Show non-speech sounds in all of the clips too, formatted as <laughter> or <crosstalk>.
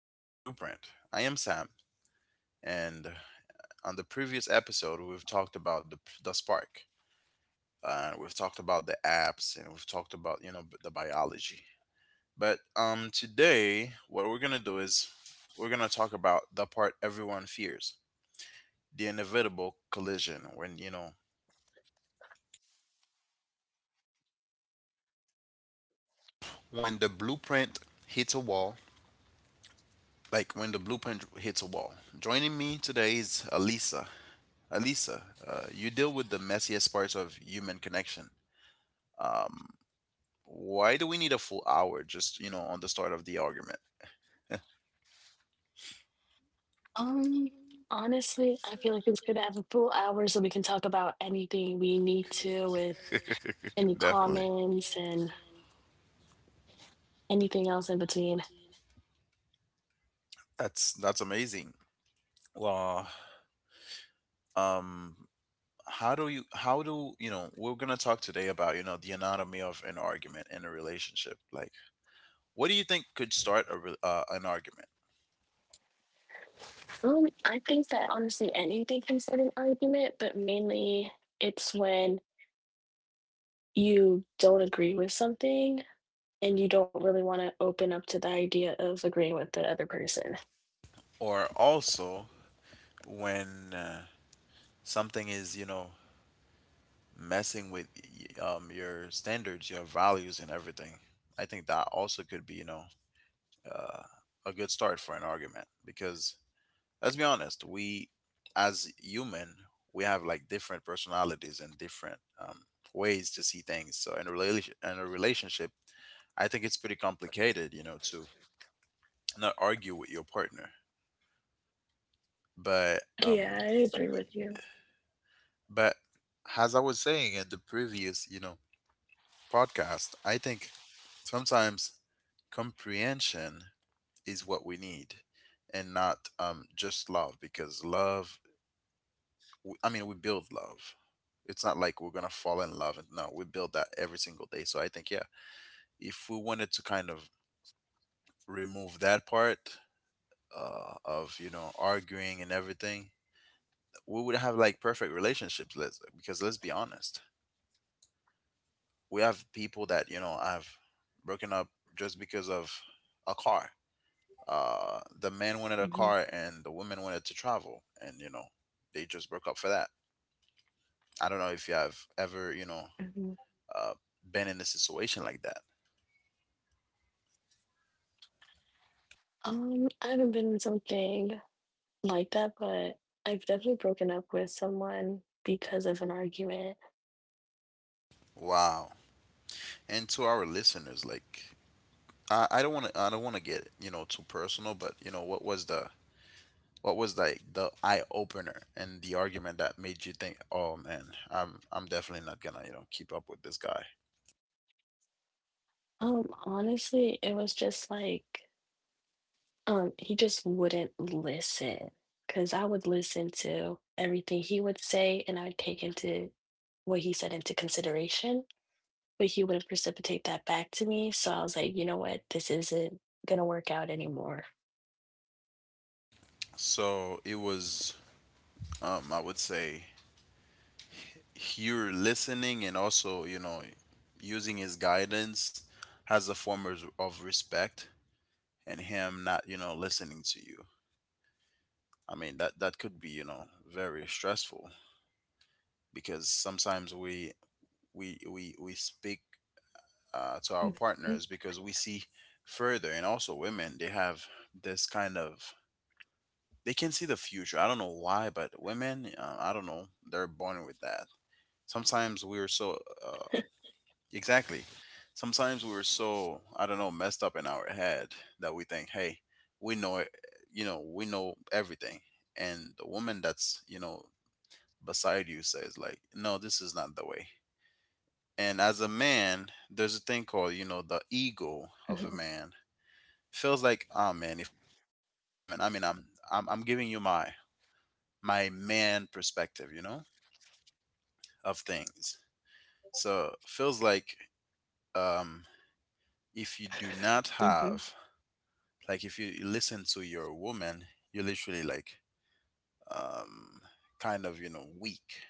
Heart's Blueprint. I am Sam, and on the previous episode, we've talked about the spark, we've talked about the apps, and we've talked about, you know, the biology. But Today, what we're going to do is we're going to talk about the part everyone fears, the inevitable collision when, you know, when the blueprint hits a wall, like when the blueprint hits a wall. Joining me today is Alisa. Alisa, you deal with the messiest parts of human connection. Um, why do we need a full hour just, you know, on the start of the argument? Um, Honestly, I feel like it's good to have a full hour so we can talk about anything we need to with any <laughs> Definitely. comments and anything else in between. That's amazing. Well, um, how do you know we're gonna talk today about, you know, the anatomy of an argument in a relationship? Like, what do you think could start a an argument? I think that honestly anything can start an argument, but mainly it's when you don't agree with something and you don't really want to open up to the idea of agreeing with the other person. Or also when something is, you know, messing with, your standards, your values, and everything. I think that also could be, you know, uh, a good start for an argument because let's be honest, we as human, we have like different personalities and different, ways to see things. So in a relationship, I think it's pretty complicated, you know, to not argue with your partner. But Yeah, um, I agree with you. but as I was saying in the previous, you know, podcast, I think sometimes comprehension is what we need and not, just love, because love, I mean, we build love. It's not like we're going to fall in love. And No, we build that every single day. So I think, yeah, if we wanted to kind of remove that part of, you know, arguing and everything, we would have like perfect relationships. Because let's be honest, we have people that, you know, have broken up just because of a car. The man wanted a car Hmm. and the woman wanted to travel, and you know, they just broke up for that. I don't know if you have ever, you know, uh, been in a situation like that. I haven't been in something like that, but I've definitely broken up with someone because of an argument. Wow. And to our listeners, like, I don't want to, I don't want to get, you know, too personal, but you know, what was the, what was like the eye opener and the argument that made you think, oh man, I'm definitely not gonna, you know, keep up with this guy. Honestly, it was just he just wouldn't listen because I would listen to everything he would say and I would take into what he said into consideration, but he wouldn't precipitate that back to me. So I was like, you know what, this isn't gonna work out anymore. So it was, I would say, you're listening and also, you know, using his guidance has a form of respect, and him not, you know, listening to you. I mean, that could be, you know, very stressful, because sometimes Mm-hmm. we we speak to our partners because we see further. And also women, they have this kind of, they can see the future. I don't know why, but women, I don't know, they're born with that. Sometimes we're so, uh, exactly. Sometimes we were so, I don't know, messed up in our head that we think, hey, we know it, you know, we know everything. And the woman that's, you know, beside you says, like, no, this is not the way. And as a man, there's Mm-hmm. a thing called, you know, the ego of a man. Feels like, oh man, if I'm listening to a woman, I mean, I'm giving you my, my man perspective, you know, of things. Mm-hmm. So feels like, um, if you do not have, like, if you listen to your woman, you're literally like, um kind of, you know, weak.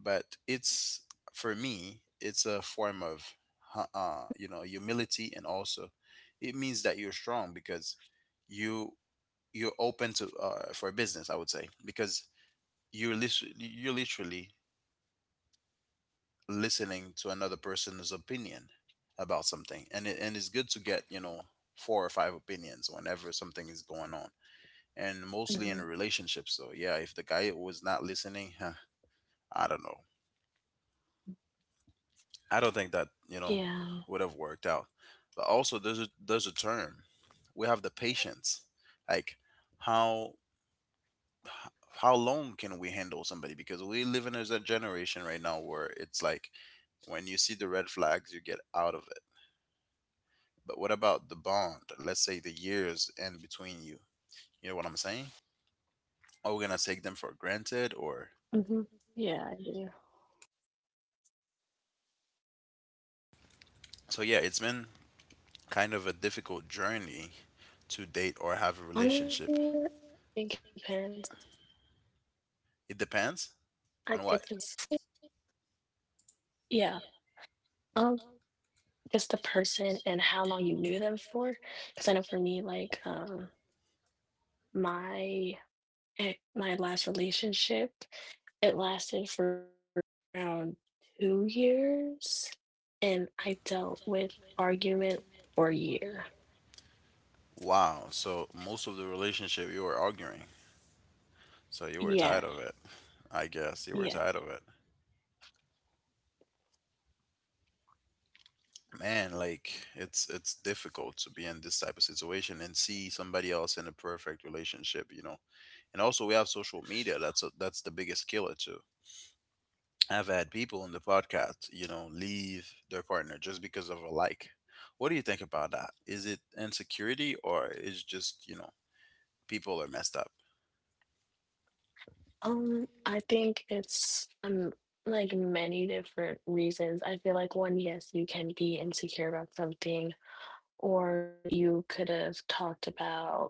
But it's, for me, it's a form of you know, humility. And also it means that you're strong because you you're open to, for business, I would say, because you're literally listening to another person's opinion about something. And it's good to get, you know, Hmm. four or five opinions whenever something is going on, and mostly in relationships. So yeah, if the guy was not listening, I don't know, I don't think that, you know, would have Yeah. worked out. But also there's a term, we have the patience, like, how how long can we handle somebody, because we live in a generation right now where it's like, when you see the red flags, you get out of it. But what about the bond, let's say, the years in between? You know what I'm saying? Are we gonna take them for granted or? Mm-hmm. Yeah, I do. So yeah, Um, it's been kind of a Honestly, I difficult think it journey depends. to date or have a relationship. It depends on what. Hmm. Yeah. Um, just the person and how long you knew them for. Because I know for me, like, my my last relationship, it lasted for around 2 years, and I dealt with argument for a year. Wow. So most of the relationship you were arguing. So you were Yeah, tired of it. I guess you were yeah. tired of it. Man, like, it's difficult to be in this type of situation and see somebody else in a perfect relationship, you know. And also we have social media. That's a, that's the biggest killer too. I've had people in the podcast, you know, leave their partner just because of a like. What do you think about that? Is it insecurity or is just, you know, people are messed up? I think it's like many different reasons. I feel like one, yes, you can be insecure about something, or you could have talked about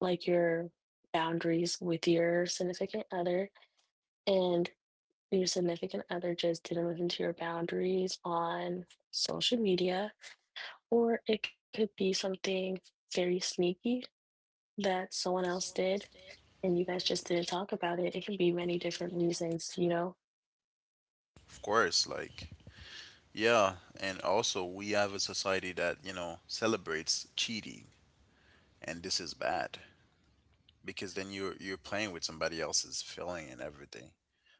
like your boundaries with your significant other, and your significant other just didn't listen to your boundaries on social media, or it could be something very sneaky that someone else did, and you guys just didn't talk about it. It can be many different reasons. Of course, like, yeah, and also we have a society that, you know, celebrates cheating, and this is bad because then you're playing with somebody else's feeling and everything.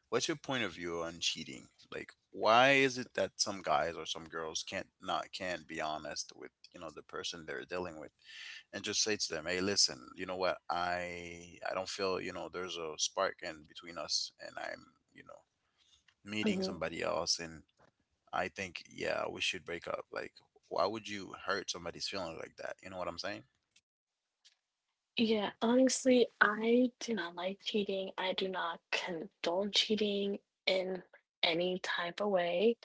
What's your point of view on cheating? Like, why is it that some guys or some girls can't be honest with, you know, the person they're dealing with, and just say to them, "Hey, listen, you know what? I don't feel, you know, there's a spark in between us, and I'm, you know, meeting Mhm. somebody else, and I think, yeah, we should break up." Like, why would you hurt somebody's feelings like that? You know what I'm saying? Yeah, honestly, I do not like cheating. I do not condone cheating in any type of way,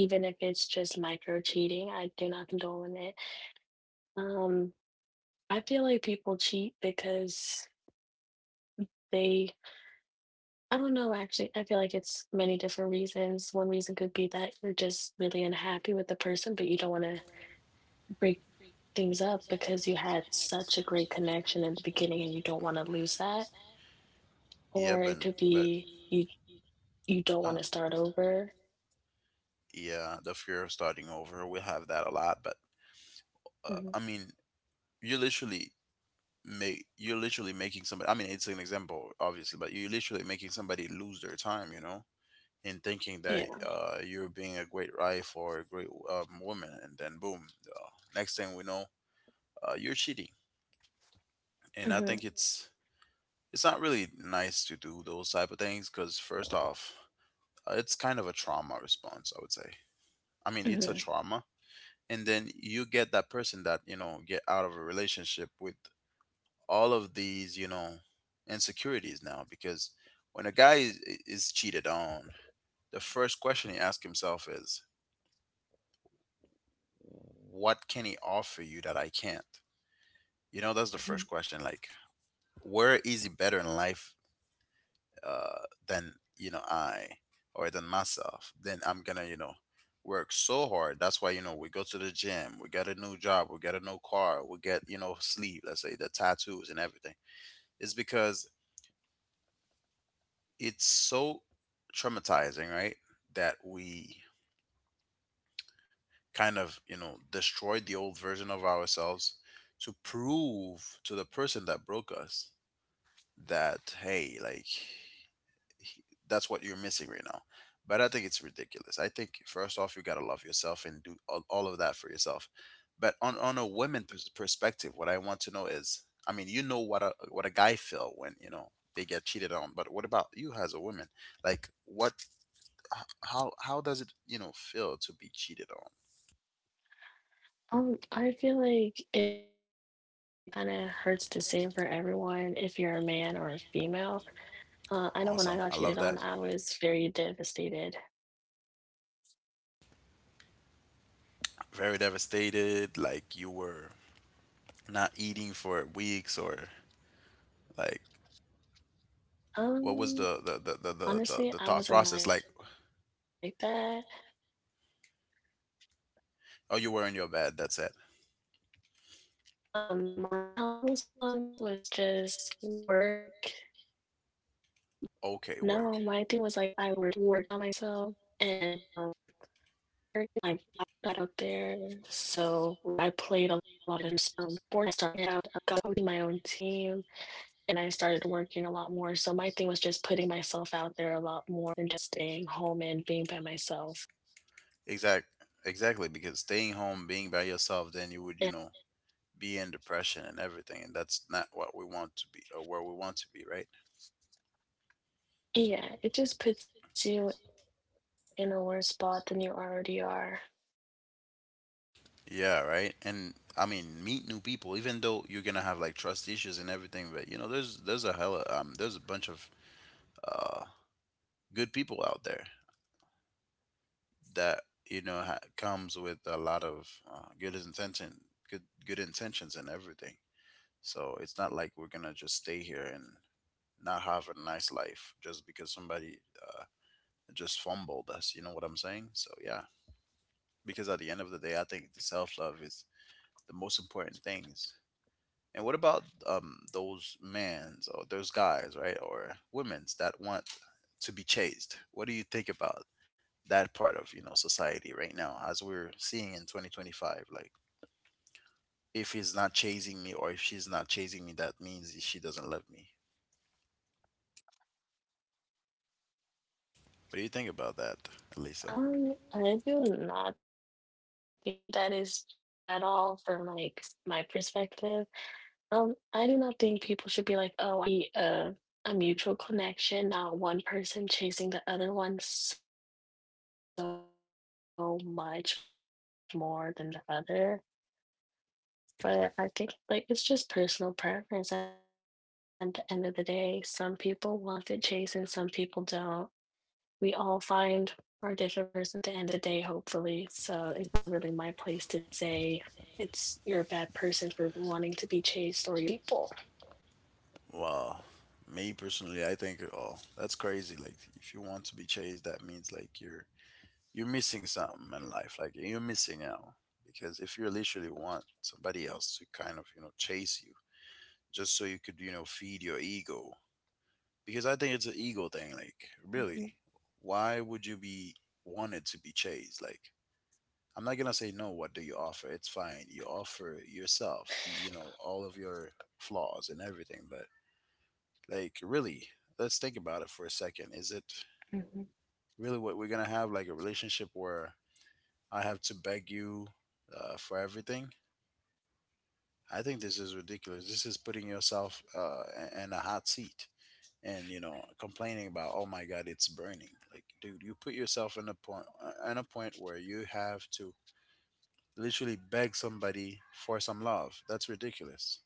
even if it's just micro cheating. I do not condone it. Um, I feel like people cheat because they, I don't know, actually, I feel like it's many different reasons. One reason could be that you're just really unhappy with the person, but you don't want to break things up because you had such a great connection in the beginning and you don't want to lose that. Yeah, Or it could but be you don't uh, want to start over. yeah, the fear of starting over, we have that a lot. But I Mhm. mean, you literally make, you're literally making somebody, I mean, it's an example, obviously, but you're literally making somebody lose their time. You know, in thinking Yeah. that, you're being a great wife or a great, woman, and then boom, uh, next thing we know, you're cheating. And I Hmm. think it's not really nice to do those type of things, because first off, it's kind of a trauma response, I would say. I mean, it's a Hmm. trauma, and then you get that person that, you know, get out of a relationship with all of these, you know, insecurities now, because when a guy is cheated on, the first question he asks himself is, what can he offer you that I can't? You know, that's Hmm. the first question. Like, where is he better in life, than, you know, I or than myself? Then I'm gonna, you know, work so hard. That's why, you know, we go to the gym, we get a new job, we get a new car, we get, you know, sleeve, let's say, the tattoos and everything. It's because it's so traumatizing, right? That we kind of, you know, destroyed the old version of ourselves to prove to the person that broke us that, hey, like, he- that's what you're missing right now. But I think it's ridiculous. I think first off, you got to love yourself and do all of that for yourself. But on a women perspective, what I want to know is, I mean, you know what a, what a guy feel when, you know, they get cheated on, but what about you as a woman? Like, what, how does it, you know, feel to be cheated on? I feel like it kind of hurts the same for everyone if you're a man or a female. I know when I got cheated on, Awesome, I I love that. was very devastated. Very devastated, like, you were not eating for weeks or like, Um, what was Honestly, the I the the wasn't the like the, the, that. the thought process like? My trauma response was Oh, you were in just your bed. That's it. work. No, my thing was like I worked on myself and I got Okay, out work. there. So, like, I played a lot of sports. I started coaching my own team and I started working a lot more. So, my thing was just putting myself out there a lot more than just staying home and being by myself. Exact. Exactly, because staying home, being by yourself, then you would, you know, be in depression and everything, and that's not what we want to be or where we want to be, right? Yeah, it just puts you in a worse spot than you already are. Yeah, right. And I mean, meet new people, even though you're gonna have like trust issues and everything, but you know, there's a hell, there's a bunch of uh good people out there that, you know, comes with a lot of good intention, good intentions and everything. So it's not like we're gonna just stay here and not have a nice life just because somebody, uh, just fumbled us. You know what I'm saying? So yeah, because at the end of the day, I think the self love is the most important Hmm. things. And what about, those men's or those guys, right, or women's that want to be chased? What do you think about that part of society right now as we're seeing in 2025? Like if he's not chasing me, or if she's not chasing me, that means she doesn't love me. What do you think about that, Elisa? I do not think that is true at all from like my perspective. I do not think people should be like, oh, I need someone to chase me for them to like me. I feel like it should be a mutual connection, not one person chasing the other one so much more than the other. But I think like it's just personal preference at the end of the day. Some people want to chase and some people don't. We all find our different person at the end of the day, hopefully. So it's not really my place to say it's you're a bad person for wanting to be chased or you're a bad person for Well, me like personally, wanting I to think, chase oh, people. that's crazy. Like if you want to be chased, that means like you're missing something in life. Like you're missing out. Because if you literally want somebody else to kind of, chase you, just so you could, feed your ego. Because I think it's an ego thing. Like, really, Mhm. why would you be wanted to be chased? Like, I'm not gonna say no. What do you offer? It's fine. You offer yourself. You know all of your flaws and everything. But like, really, let's think about it for a second. Is it really what we're gonna have? Mhm. Like a relationship where I have to beg you for everything? I think this is ridiculous. This is putting yourself in a hot seat. And, complaining about, oh my god, it's burning. Like, dude, you put yourself in a point, where you have to literally beg somebody for some love. That's ridiculous.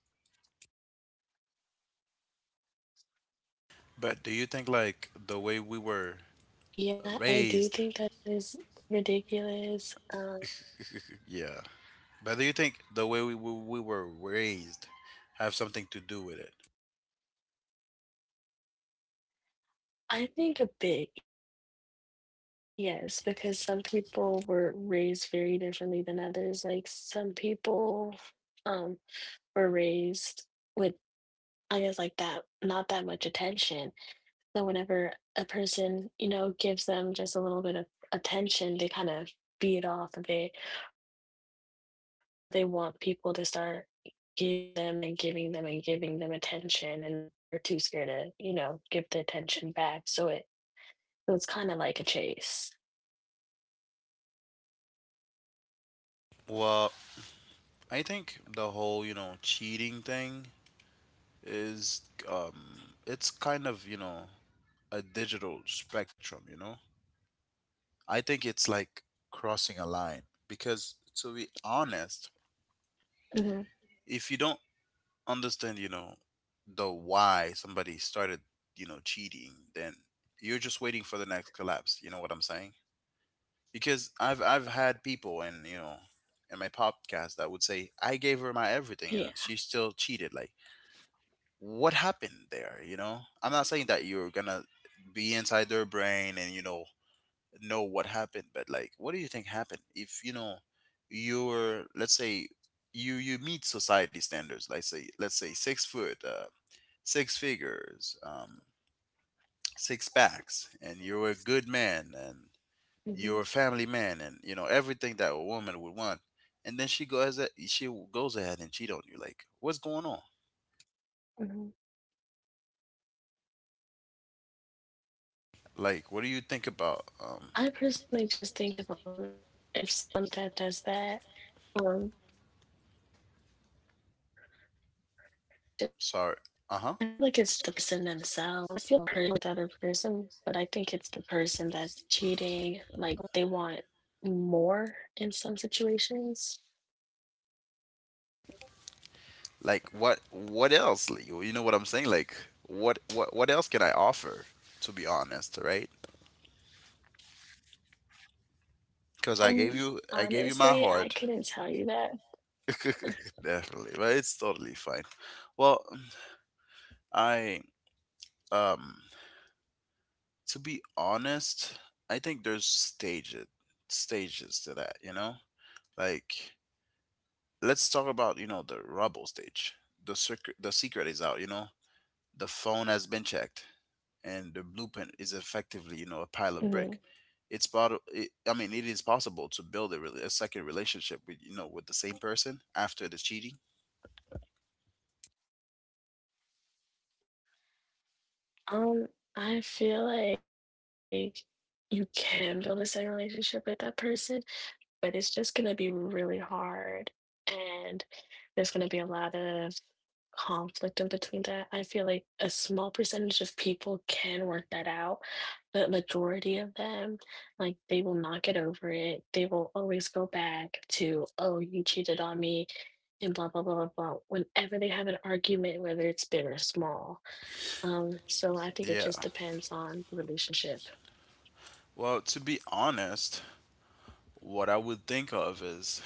But do you think like the way we Yeah, I were do think that is pretty raised? ridiculous. Yeah. But do you think the way we were raised have something to do with it? I think a bit, yes, because some people were raised very differently than others. Like some people um were raised with, I guess, like that, not that much attention. So whenever a person, gives them just a little bit of attention, they kind of feed off of it, or they want people to start giving them and giving them and giving them attention and they're too scared to give the attention back So it's kind of like a chase. Well, I think the whole cheating thing is, it's kind of, you know, a digital spectrum, you know? I think it's like crossing a line. Because to be honest, Hmm. if you don't understand, you know, the why somebody started, you know, cheating, then you're just waiting for the next collapse. You know what I'm saying? Because I've had people, and, in my podcast, that would say, I gave her my everything and she Yeah. still cheated. Like, what happened there? You know, I'm not saying that you're gonna be inside their brain and know what happened. But like, what do you think happened if, you know, you're, let's say, you meet society standards, like, say, let's say, 6 foot, six figures, six packs, and you're a good man, and you're a family man, and you know Hmm. everything that a woman would want. And then she goes she goes ahead and cheat on you. Like, what's going on? Hmm. Like, what do you think about, I personally just think if a woman, if someone like that does that, um, I feel like it's sorry. just the person Uh-huh. themselves, honestly. I don't think it's anything wrong with the other person, but I think it's the person that's cheating. Like they want more in some situations. Like, what else? Like, you know what I'm saying? Like, what else can I offer, to be honest, right? Because i gave Um, you i gave you my Honestly, I heart. couldn't tell you that. <laughs> Definitely. But it's totally fine. Well, I um to be honest, I think there's stages to that, you know? Like, let's talk about, you know, the rubble stage. The secret is out, you know? The phone has been checked, and the blueprint is effectively, you know, a pile of brick. Mhm. It's part of, I mean, it is possible to build a second relationship with, you know, with the same person after the cheating. Um, I feel like you can build a second relationship with that person, but it's just gonna be really hard. And there's gonna be a lot of conflict in between that. I feel like a small percentage of people can work that out, but majority of them, like they will not get over it. They will always go back to, oh, you cheated on me and blah blah blah blah blah. Whenever they have an argument, whether it's big or small, so Yeah. I think it just depends on the relationship. Well, to be honest, what I would think of is,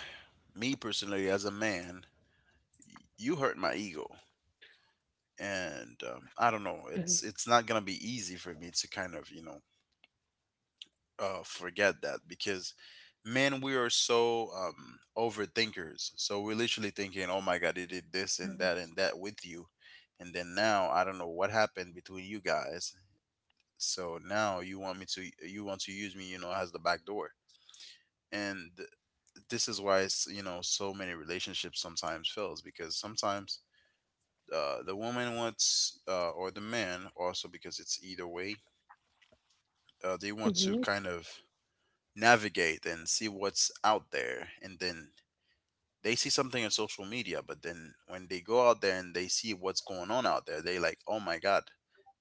me personally as a man, you hurt my ego. And, I don't know, it's not gonna be Hmm. easy for me to kind of, forget that. Because men, we are so, overthinkers. So we're literally thinking, oh my god, they did this and that with you. Hmm. And then now I don't know what happened between you guys. So now you want to use me, you know, as the back door. And, this is why it's, you know, so many relationships sometimes fails. Because sometimes, the woman wants, or the man also, because it's either way, they want to kind of Hmm. navigate and see what's out there. And then they see something on social media. But then when they go out there and they see what's going on out there, they like, oh my god,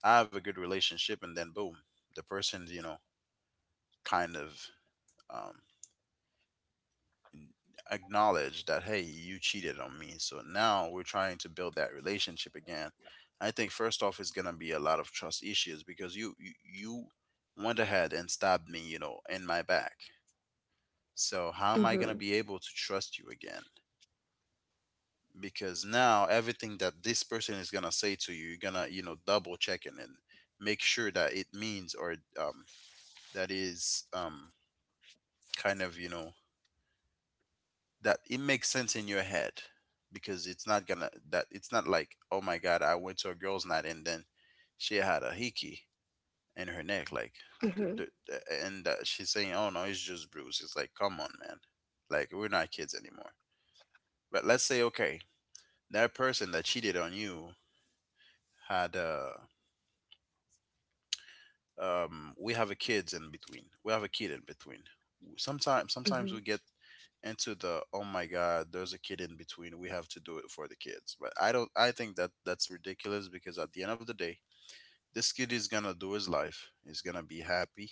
I have a good relationship. And then boom, the person, you know, kind of, um, acknowledge that, hey, you cheated on me. So now we're trying to build that relationship again. I think first off it's going to be a lot of trust issues. Because you went ahead and stabbed me, you know, in my back. So how am I going to be able to trust you Hmm. again? Because now everything that this person is gonna say to you, you're gonna, you know, double check it and make sure that it means, or, um, that is, kind of, you know, that it makes sense in your head. Because it's not like, oh my god, I went to a girls' night and then she had a hickey in her neck. Like, the- and Hmm. She's saying, oh no, it's just bruise. It's like, come on, man. Like, we're not kids anymore. But let's say, okay, that person that cheated on you had, we have a kids in between. We have a kid in between. Sometimes we get Hmm. into the, oh my god, there's a kid in between. We have to do it for the kids. But I don't. I think that that's ridiculous, because at the end of the day, this kid is gonna do his life. He's gonna be happy,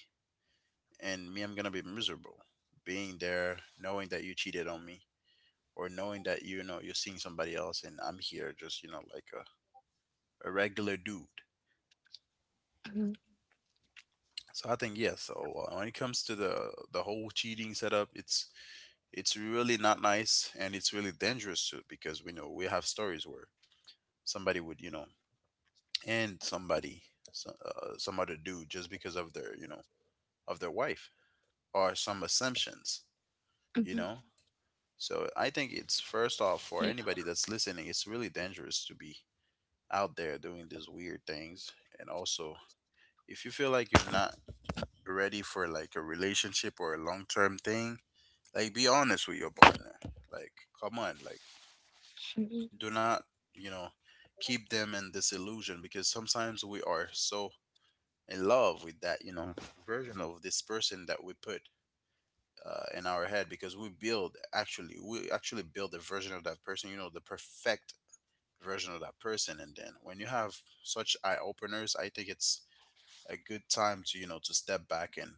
and me, I'm gonna be miserable being there, knowing that you cheated on me, or knowing that, you know, you're seeing somebody else. And I'm here just, you know, like a regular dude. Hmm. So I think yes. So, when it comes to the whole cheating setup, it's really not nice, and it's really dangerous too. Because we know we have stories where somebody would, you know, end somebody, some other dude, just because of their, of their wife, or some assumptions, Hmm. you know. So I think it's, Yeah. first off, for anybody that's listening, it's really dangerous to be out there doing these weird things. And also, if you feel like you're not ready for like a relationship or a long-term thing, like, be honest with your partner. Like, come on, like, Hmm. do not, you know, keep them in this illusion. Because sometimes we are so in love with that, you know, version of this person that we put, in our head. Because we actually build a version of that person, you know, the perfect version of that person. And then when you have such eye openers, I think it's a good time to, you know, to step back and,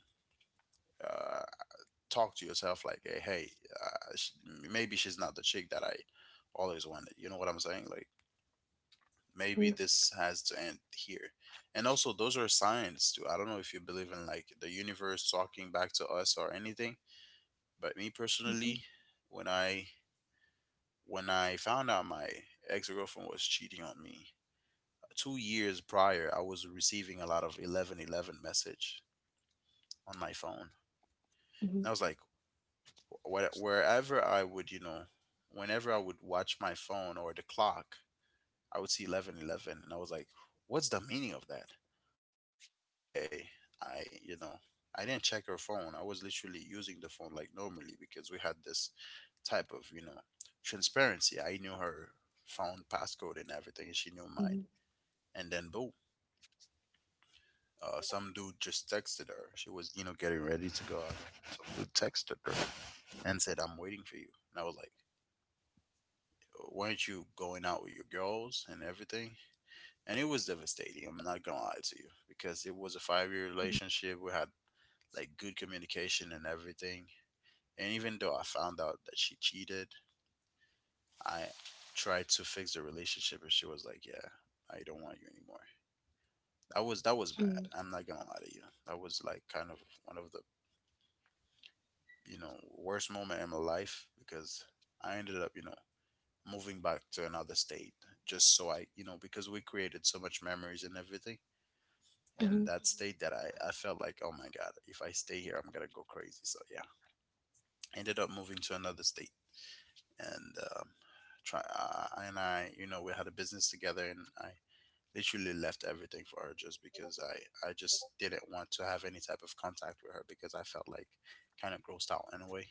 uh, talk to yourself, like, hey, uh, sh- maybe she's not the chick that I always wanted. You know what I'm saying? Like, Hmm. maybe this has to end here. And also, those are signs too. I don't know if you believe in like the universe talking back to us or anything, but me Hmm. Hmm. personally, when I when I found out my ex girlfriend was cheating on me 2 years prior, I was receiving a lot of 11:11 message on my phone. And I was like, wh- wherever I would, you know, whenever I would watch my phone or the clock, I would see 11:11, and I was like, what's the meaning of that? Until one day I, you know, I didn't check her phone. I was literally using the phone like normally, because we had this type of, you know, transparency. I knew her phone passcode and everything, and she knew Hmm. mine. And then boom, some dude just texted her. She was, you know, getting ready to go out. Some dude texted her and said, "I'm waiting for you." And I was like, "Weren't you going out with your girls and everything?" And it was devastating. I'm not gonna lie to you, because it was a 5 year relationship. We had like good communication and everything. And even though I found out that she cheated, I tried to fix the relationship, and she was like, "Yeah, I don't want you anymore." That was that Hmm. was bad. I'm not gonna lie to you. That was like kind of one of the, you know, worst moment in my life. Because I ended up, you know, moving back to another state, just so I, you know, because we created so much memories and everything in Hmm. that state, that I felt like, oh my god, if I stay here, I'm gonna go crazy. So yeah, ended up moving to another state and, try. And I, you know, we had a business together, and I literally left everything for her, just because I just didn't want to have any type of contact with her, because I felt like kind of grossed out in a way.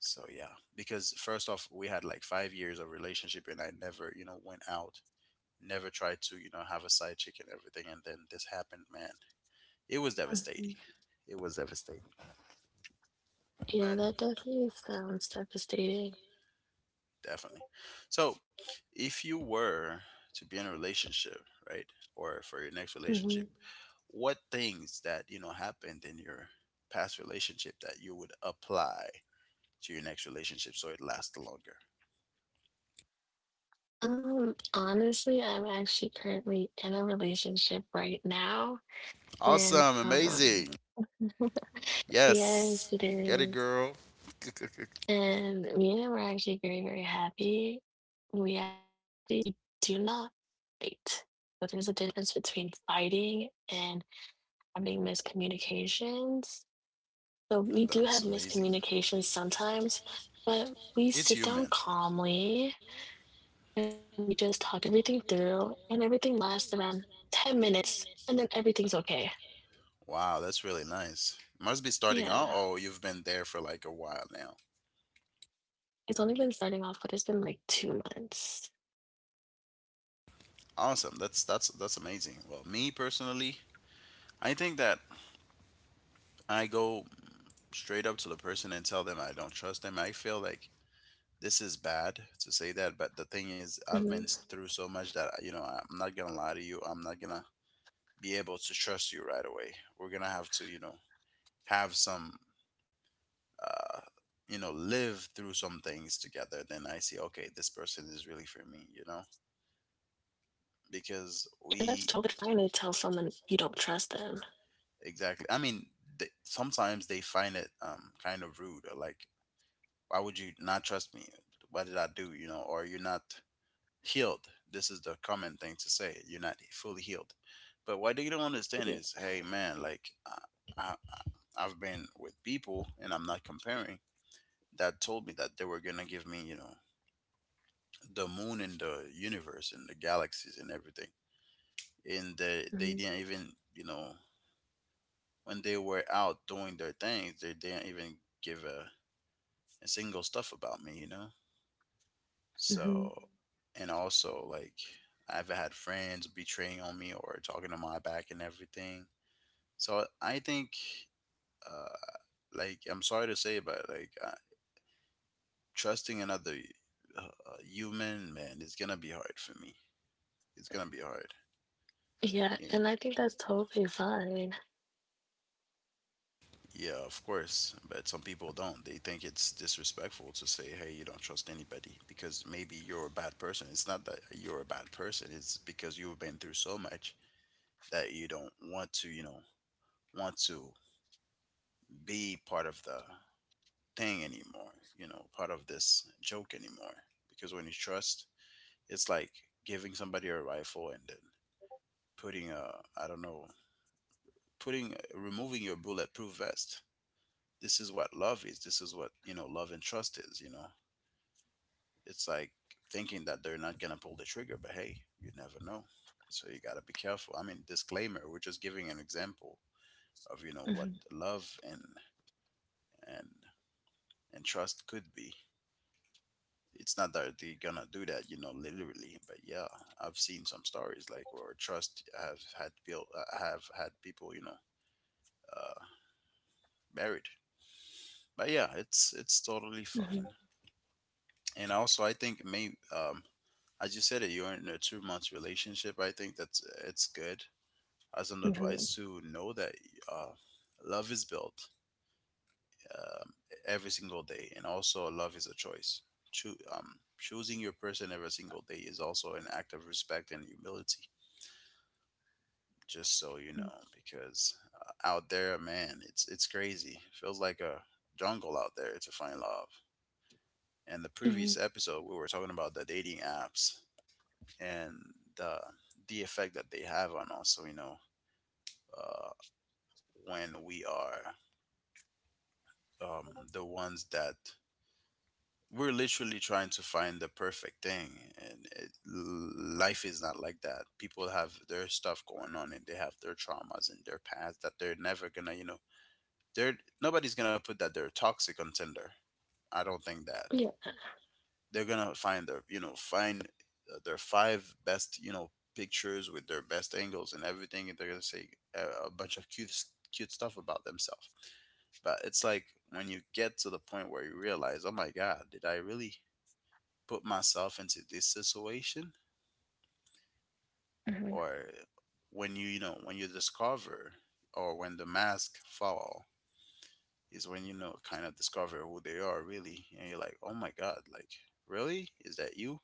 So yeah, because first off, we had like 5 years of relationship, and I never, went out, never tried to, have a side chick and everything, and then this happened, man. It was Hmm. devastating. It was devastating. Yeah, But that definitely sounds devastating. definitely. So, if you were to be in a relationship, right, or for your next Hmm. relationship, what things that you know happened in your past relationship that you would apply to your next relationship so it lasts longer? Honestly, I'm actually currently in a relationship right now, and Awesome, amazing. Yes, yes, it get it, is. girl. <laughs> And me and him were actually very, very happy. We do not fight. But there's a difference between fighting and having miscommunications. So we do That's have amazing. miscommunications sometimes, but we It's sit down human. calmly and we just talk everything through and everything lasts around 10 minutes and then everything's okay. Wow, that's really nice. Must be starting Yeah. out. Oh, you've been there for like a while now. It's only been starting off, but it's been like 2 months. Awesome. That's amazing. Well, me personally, I think that I go straight up to the person and tell them I don't trust them. I feel like this is bad to say that, but the thing is, I've been Hmm. through so much that you know I'm not gonna lie to you. I'm not gonna be able to trust you right away. We're gonna have to, you know, have some, uh, you know, live through some things together. Then I see, okay, this person is really for me. You know. Yeah, and that's totally Because fine to we tell someone you don't trust them. exactly. I mean, they, sometimes they find it kind of rude. Or like, why would you not trust me? What did I do? You know, or you're not healed. This is the common thing to say. You're not fully healed. But what they don't Yeah. understand is, hey man, like I I- I've been with people, and I'm not comparing. That told me that they were gonna give me, you know, the moon and the universe and the galaxies and everything. And they Hmm. they didn't even you know when they were out doing their things they didn't even give a single stuff about me, you know, Hmm. so and also like I've had friends betraying on me or talking to my back and everything, so I think uh like I'm sorry to say, but like trusting another uh, human man, it's gonna be hard for me. It's gonna be hard, Yeah, yeah. and I think that's totally fine. Yeah, of course. But some people don't. They think it's disrespectful to say, hey, you don't trust anybody because maybe you're a bad person. It's not that you're a bad person, it's because you've been through so much that you don't want to, you know, want to be part of the thing anymore, you know, part of this joke anymore. Because when you trust, it's like giving somebody a rifle and then putting a, I don't know, putting, removing your bulletproof vest. This is what love is. This is what, you know, love and trust is, you know it's like thinking that they're not gonna pull the trigger, but hey, you never know. So you gotta be careful. I mean, disclaimer: we're just giving an example of you know what Hmm. love and and and trust could be. It's not that they're gonna do that, you know, literally, but yeah, I've seen some stories like where trust have had built, have had people, you know, uh, buried. But yeah, it's totally Hmm. fine. And also, I think may as you said it, you're in a 2 month relationship. I think that's it's good as an Hmm. advice to know that uh, love is built every single day, and also love is a choice. Choosing your person every single day is also an act of respect and humility. Just so you know, because out there, man, it's crazy. Feels like a jungle out there to find love. And the previous Hmm. episode, we were talking about the dating apps and the the effect that they have on us. So you know, uh, when we are the ones that we're literally trying to find the perfect thing, and life is not like that. People have their stuff going on, and they have their traumas and their past that they're never gonna, you know, they're nobody's gonna put that they're a toxic on Tinder. I don't think that Yeah. they're gonna find their, you know, find their five best, you know, pictures with their best angles and everything, and they're gonna say a bunch of cute cute stuff about themselves. But it's like when you get to the point where you realize, oh my God, did I really put myself into this situation? Hmm. Or when you know, when you discover or when the mask fall is when, you know, kind of discover who they are really. And you're like, oh my God, like, really? Is that you?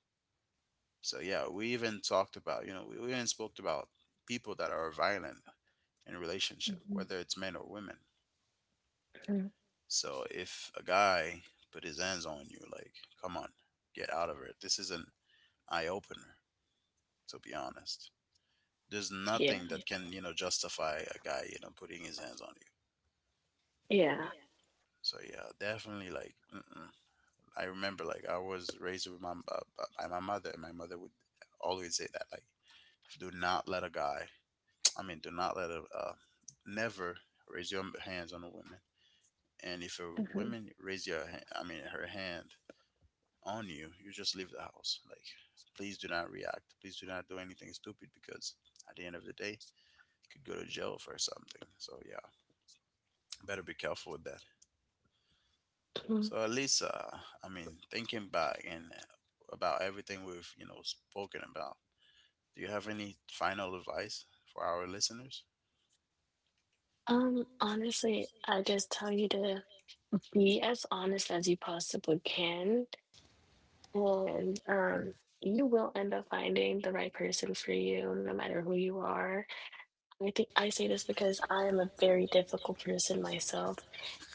So yeah, we even talked about, you know, we even spoke about people that are violent in a relationship, Hmm. whether it's men or women. Hmm. So if a guy put his hands on you, like, come on, get out of it. This is an eye opener, to be honest. There's Yeah. nothing that can, you know, justify a guy, you know, putting his hands on you. Yeah. So yeah, definitely like, mm-mm. I remember like I was raised with my by my mother, and my mother would always say that like, do not let a guy. <tsk> I mean, do not let a never raise your hands on a woman. And if a Hmm. woman raise your, I mean, her hand on you, you just leave the house. Like, please do not react. Please do not do anything stupid because at the end of the day, you could go to jail for something. So yeah, better be careful with that. So at least, I mean, thinking back and about everything we've you know spoken about, do you have any final advice for our listeners? Honestly, I just tell you to be as honest as you possibly can, and you will end up finding the right person for you, no matter who you are. I think I say this because I am a very difficult person myself.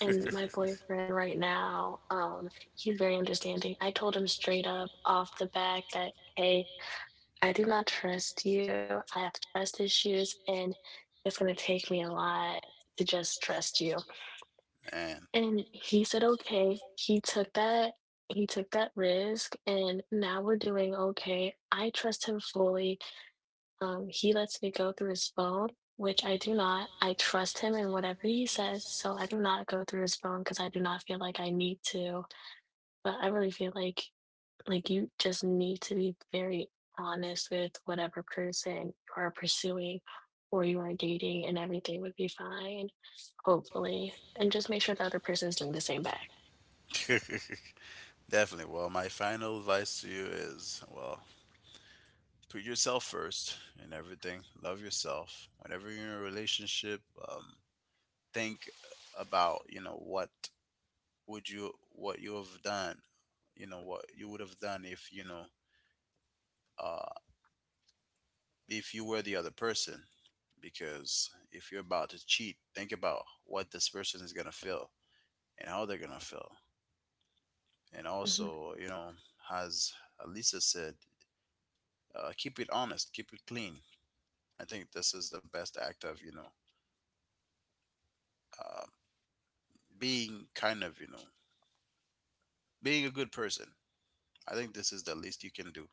And my boyfriend right now, he's very understanding. I told him straight up off the back that, hey, I do not trust you. I have trust issues, and it's going to take me a lot to just trust you. And And he said, okay. He took that. He took that risk and now we're doing okay. I trust him fully. He lets me go through his phone, which I do not. I trust him in whatever he says, so I do not go through his phone because I do not feel like I need to. But I really feel like you just need to be very honest with whatever person you are pursuing or you are dating, and everything would be fine, hopefully. And just make sure the other person is doing the same back. <laughs> definitely. Well, my final advice to you is well, put yourself first in everything. Love yourself. Whenever you're in a relationship, um, think about you know what would you what you have done you know what you would have done if you know uh if you were the other person, because if you're about to cheat, think about what this person is going to feel and how they're going to feel. And Mhm. also, you know, as Alisa said, keep it honest, keep it clean. I think this is the best act of, you know, uh, being kind of, you know, being a good person. I think this is the least you can do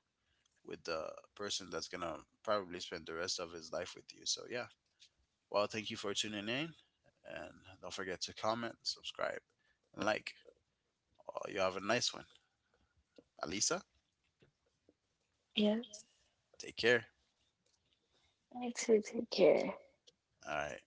with the person that's gonna probably spend the rest of his life with you. So yeah. Well, thank you for tuning in, and don't forget to comment, subscribe, and like. You have a nice one, Alisa. Yes. Take care. I too take care. All right.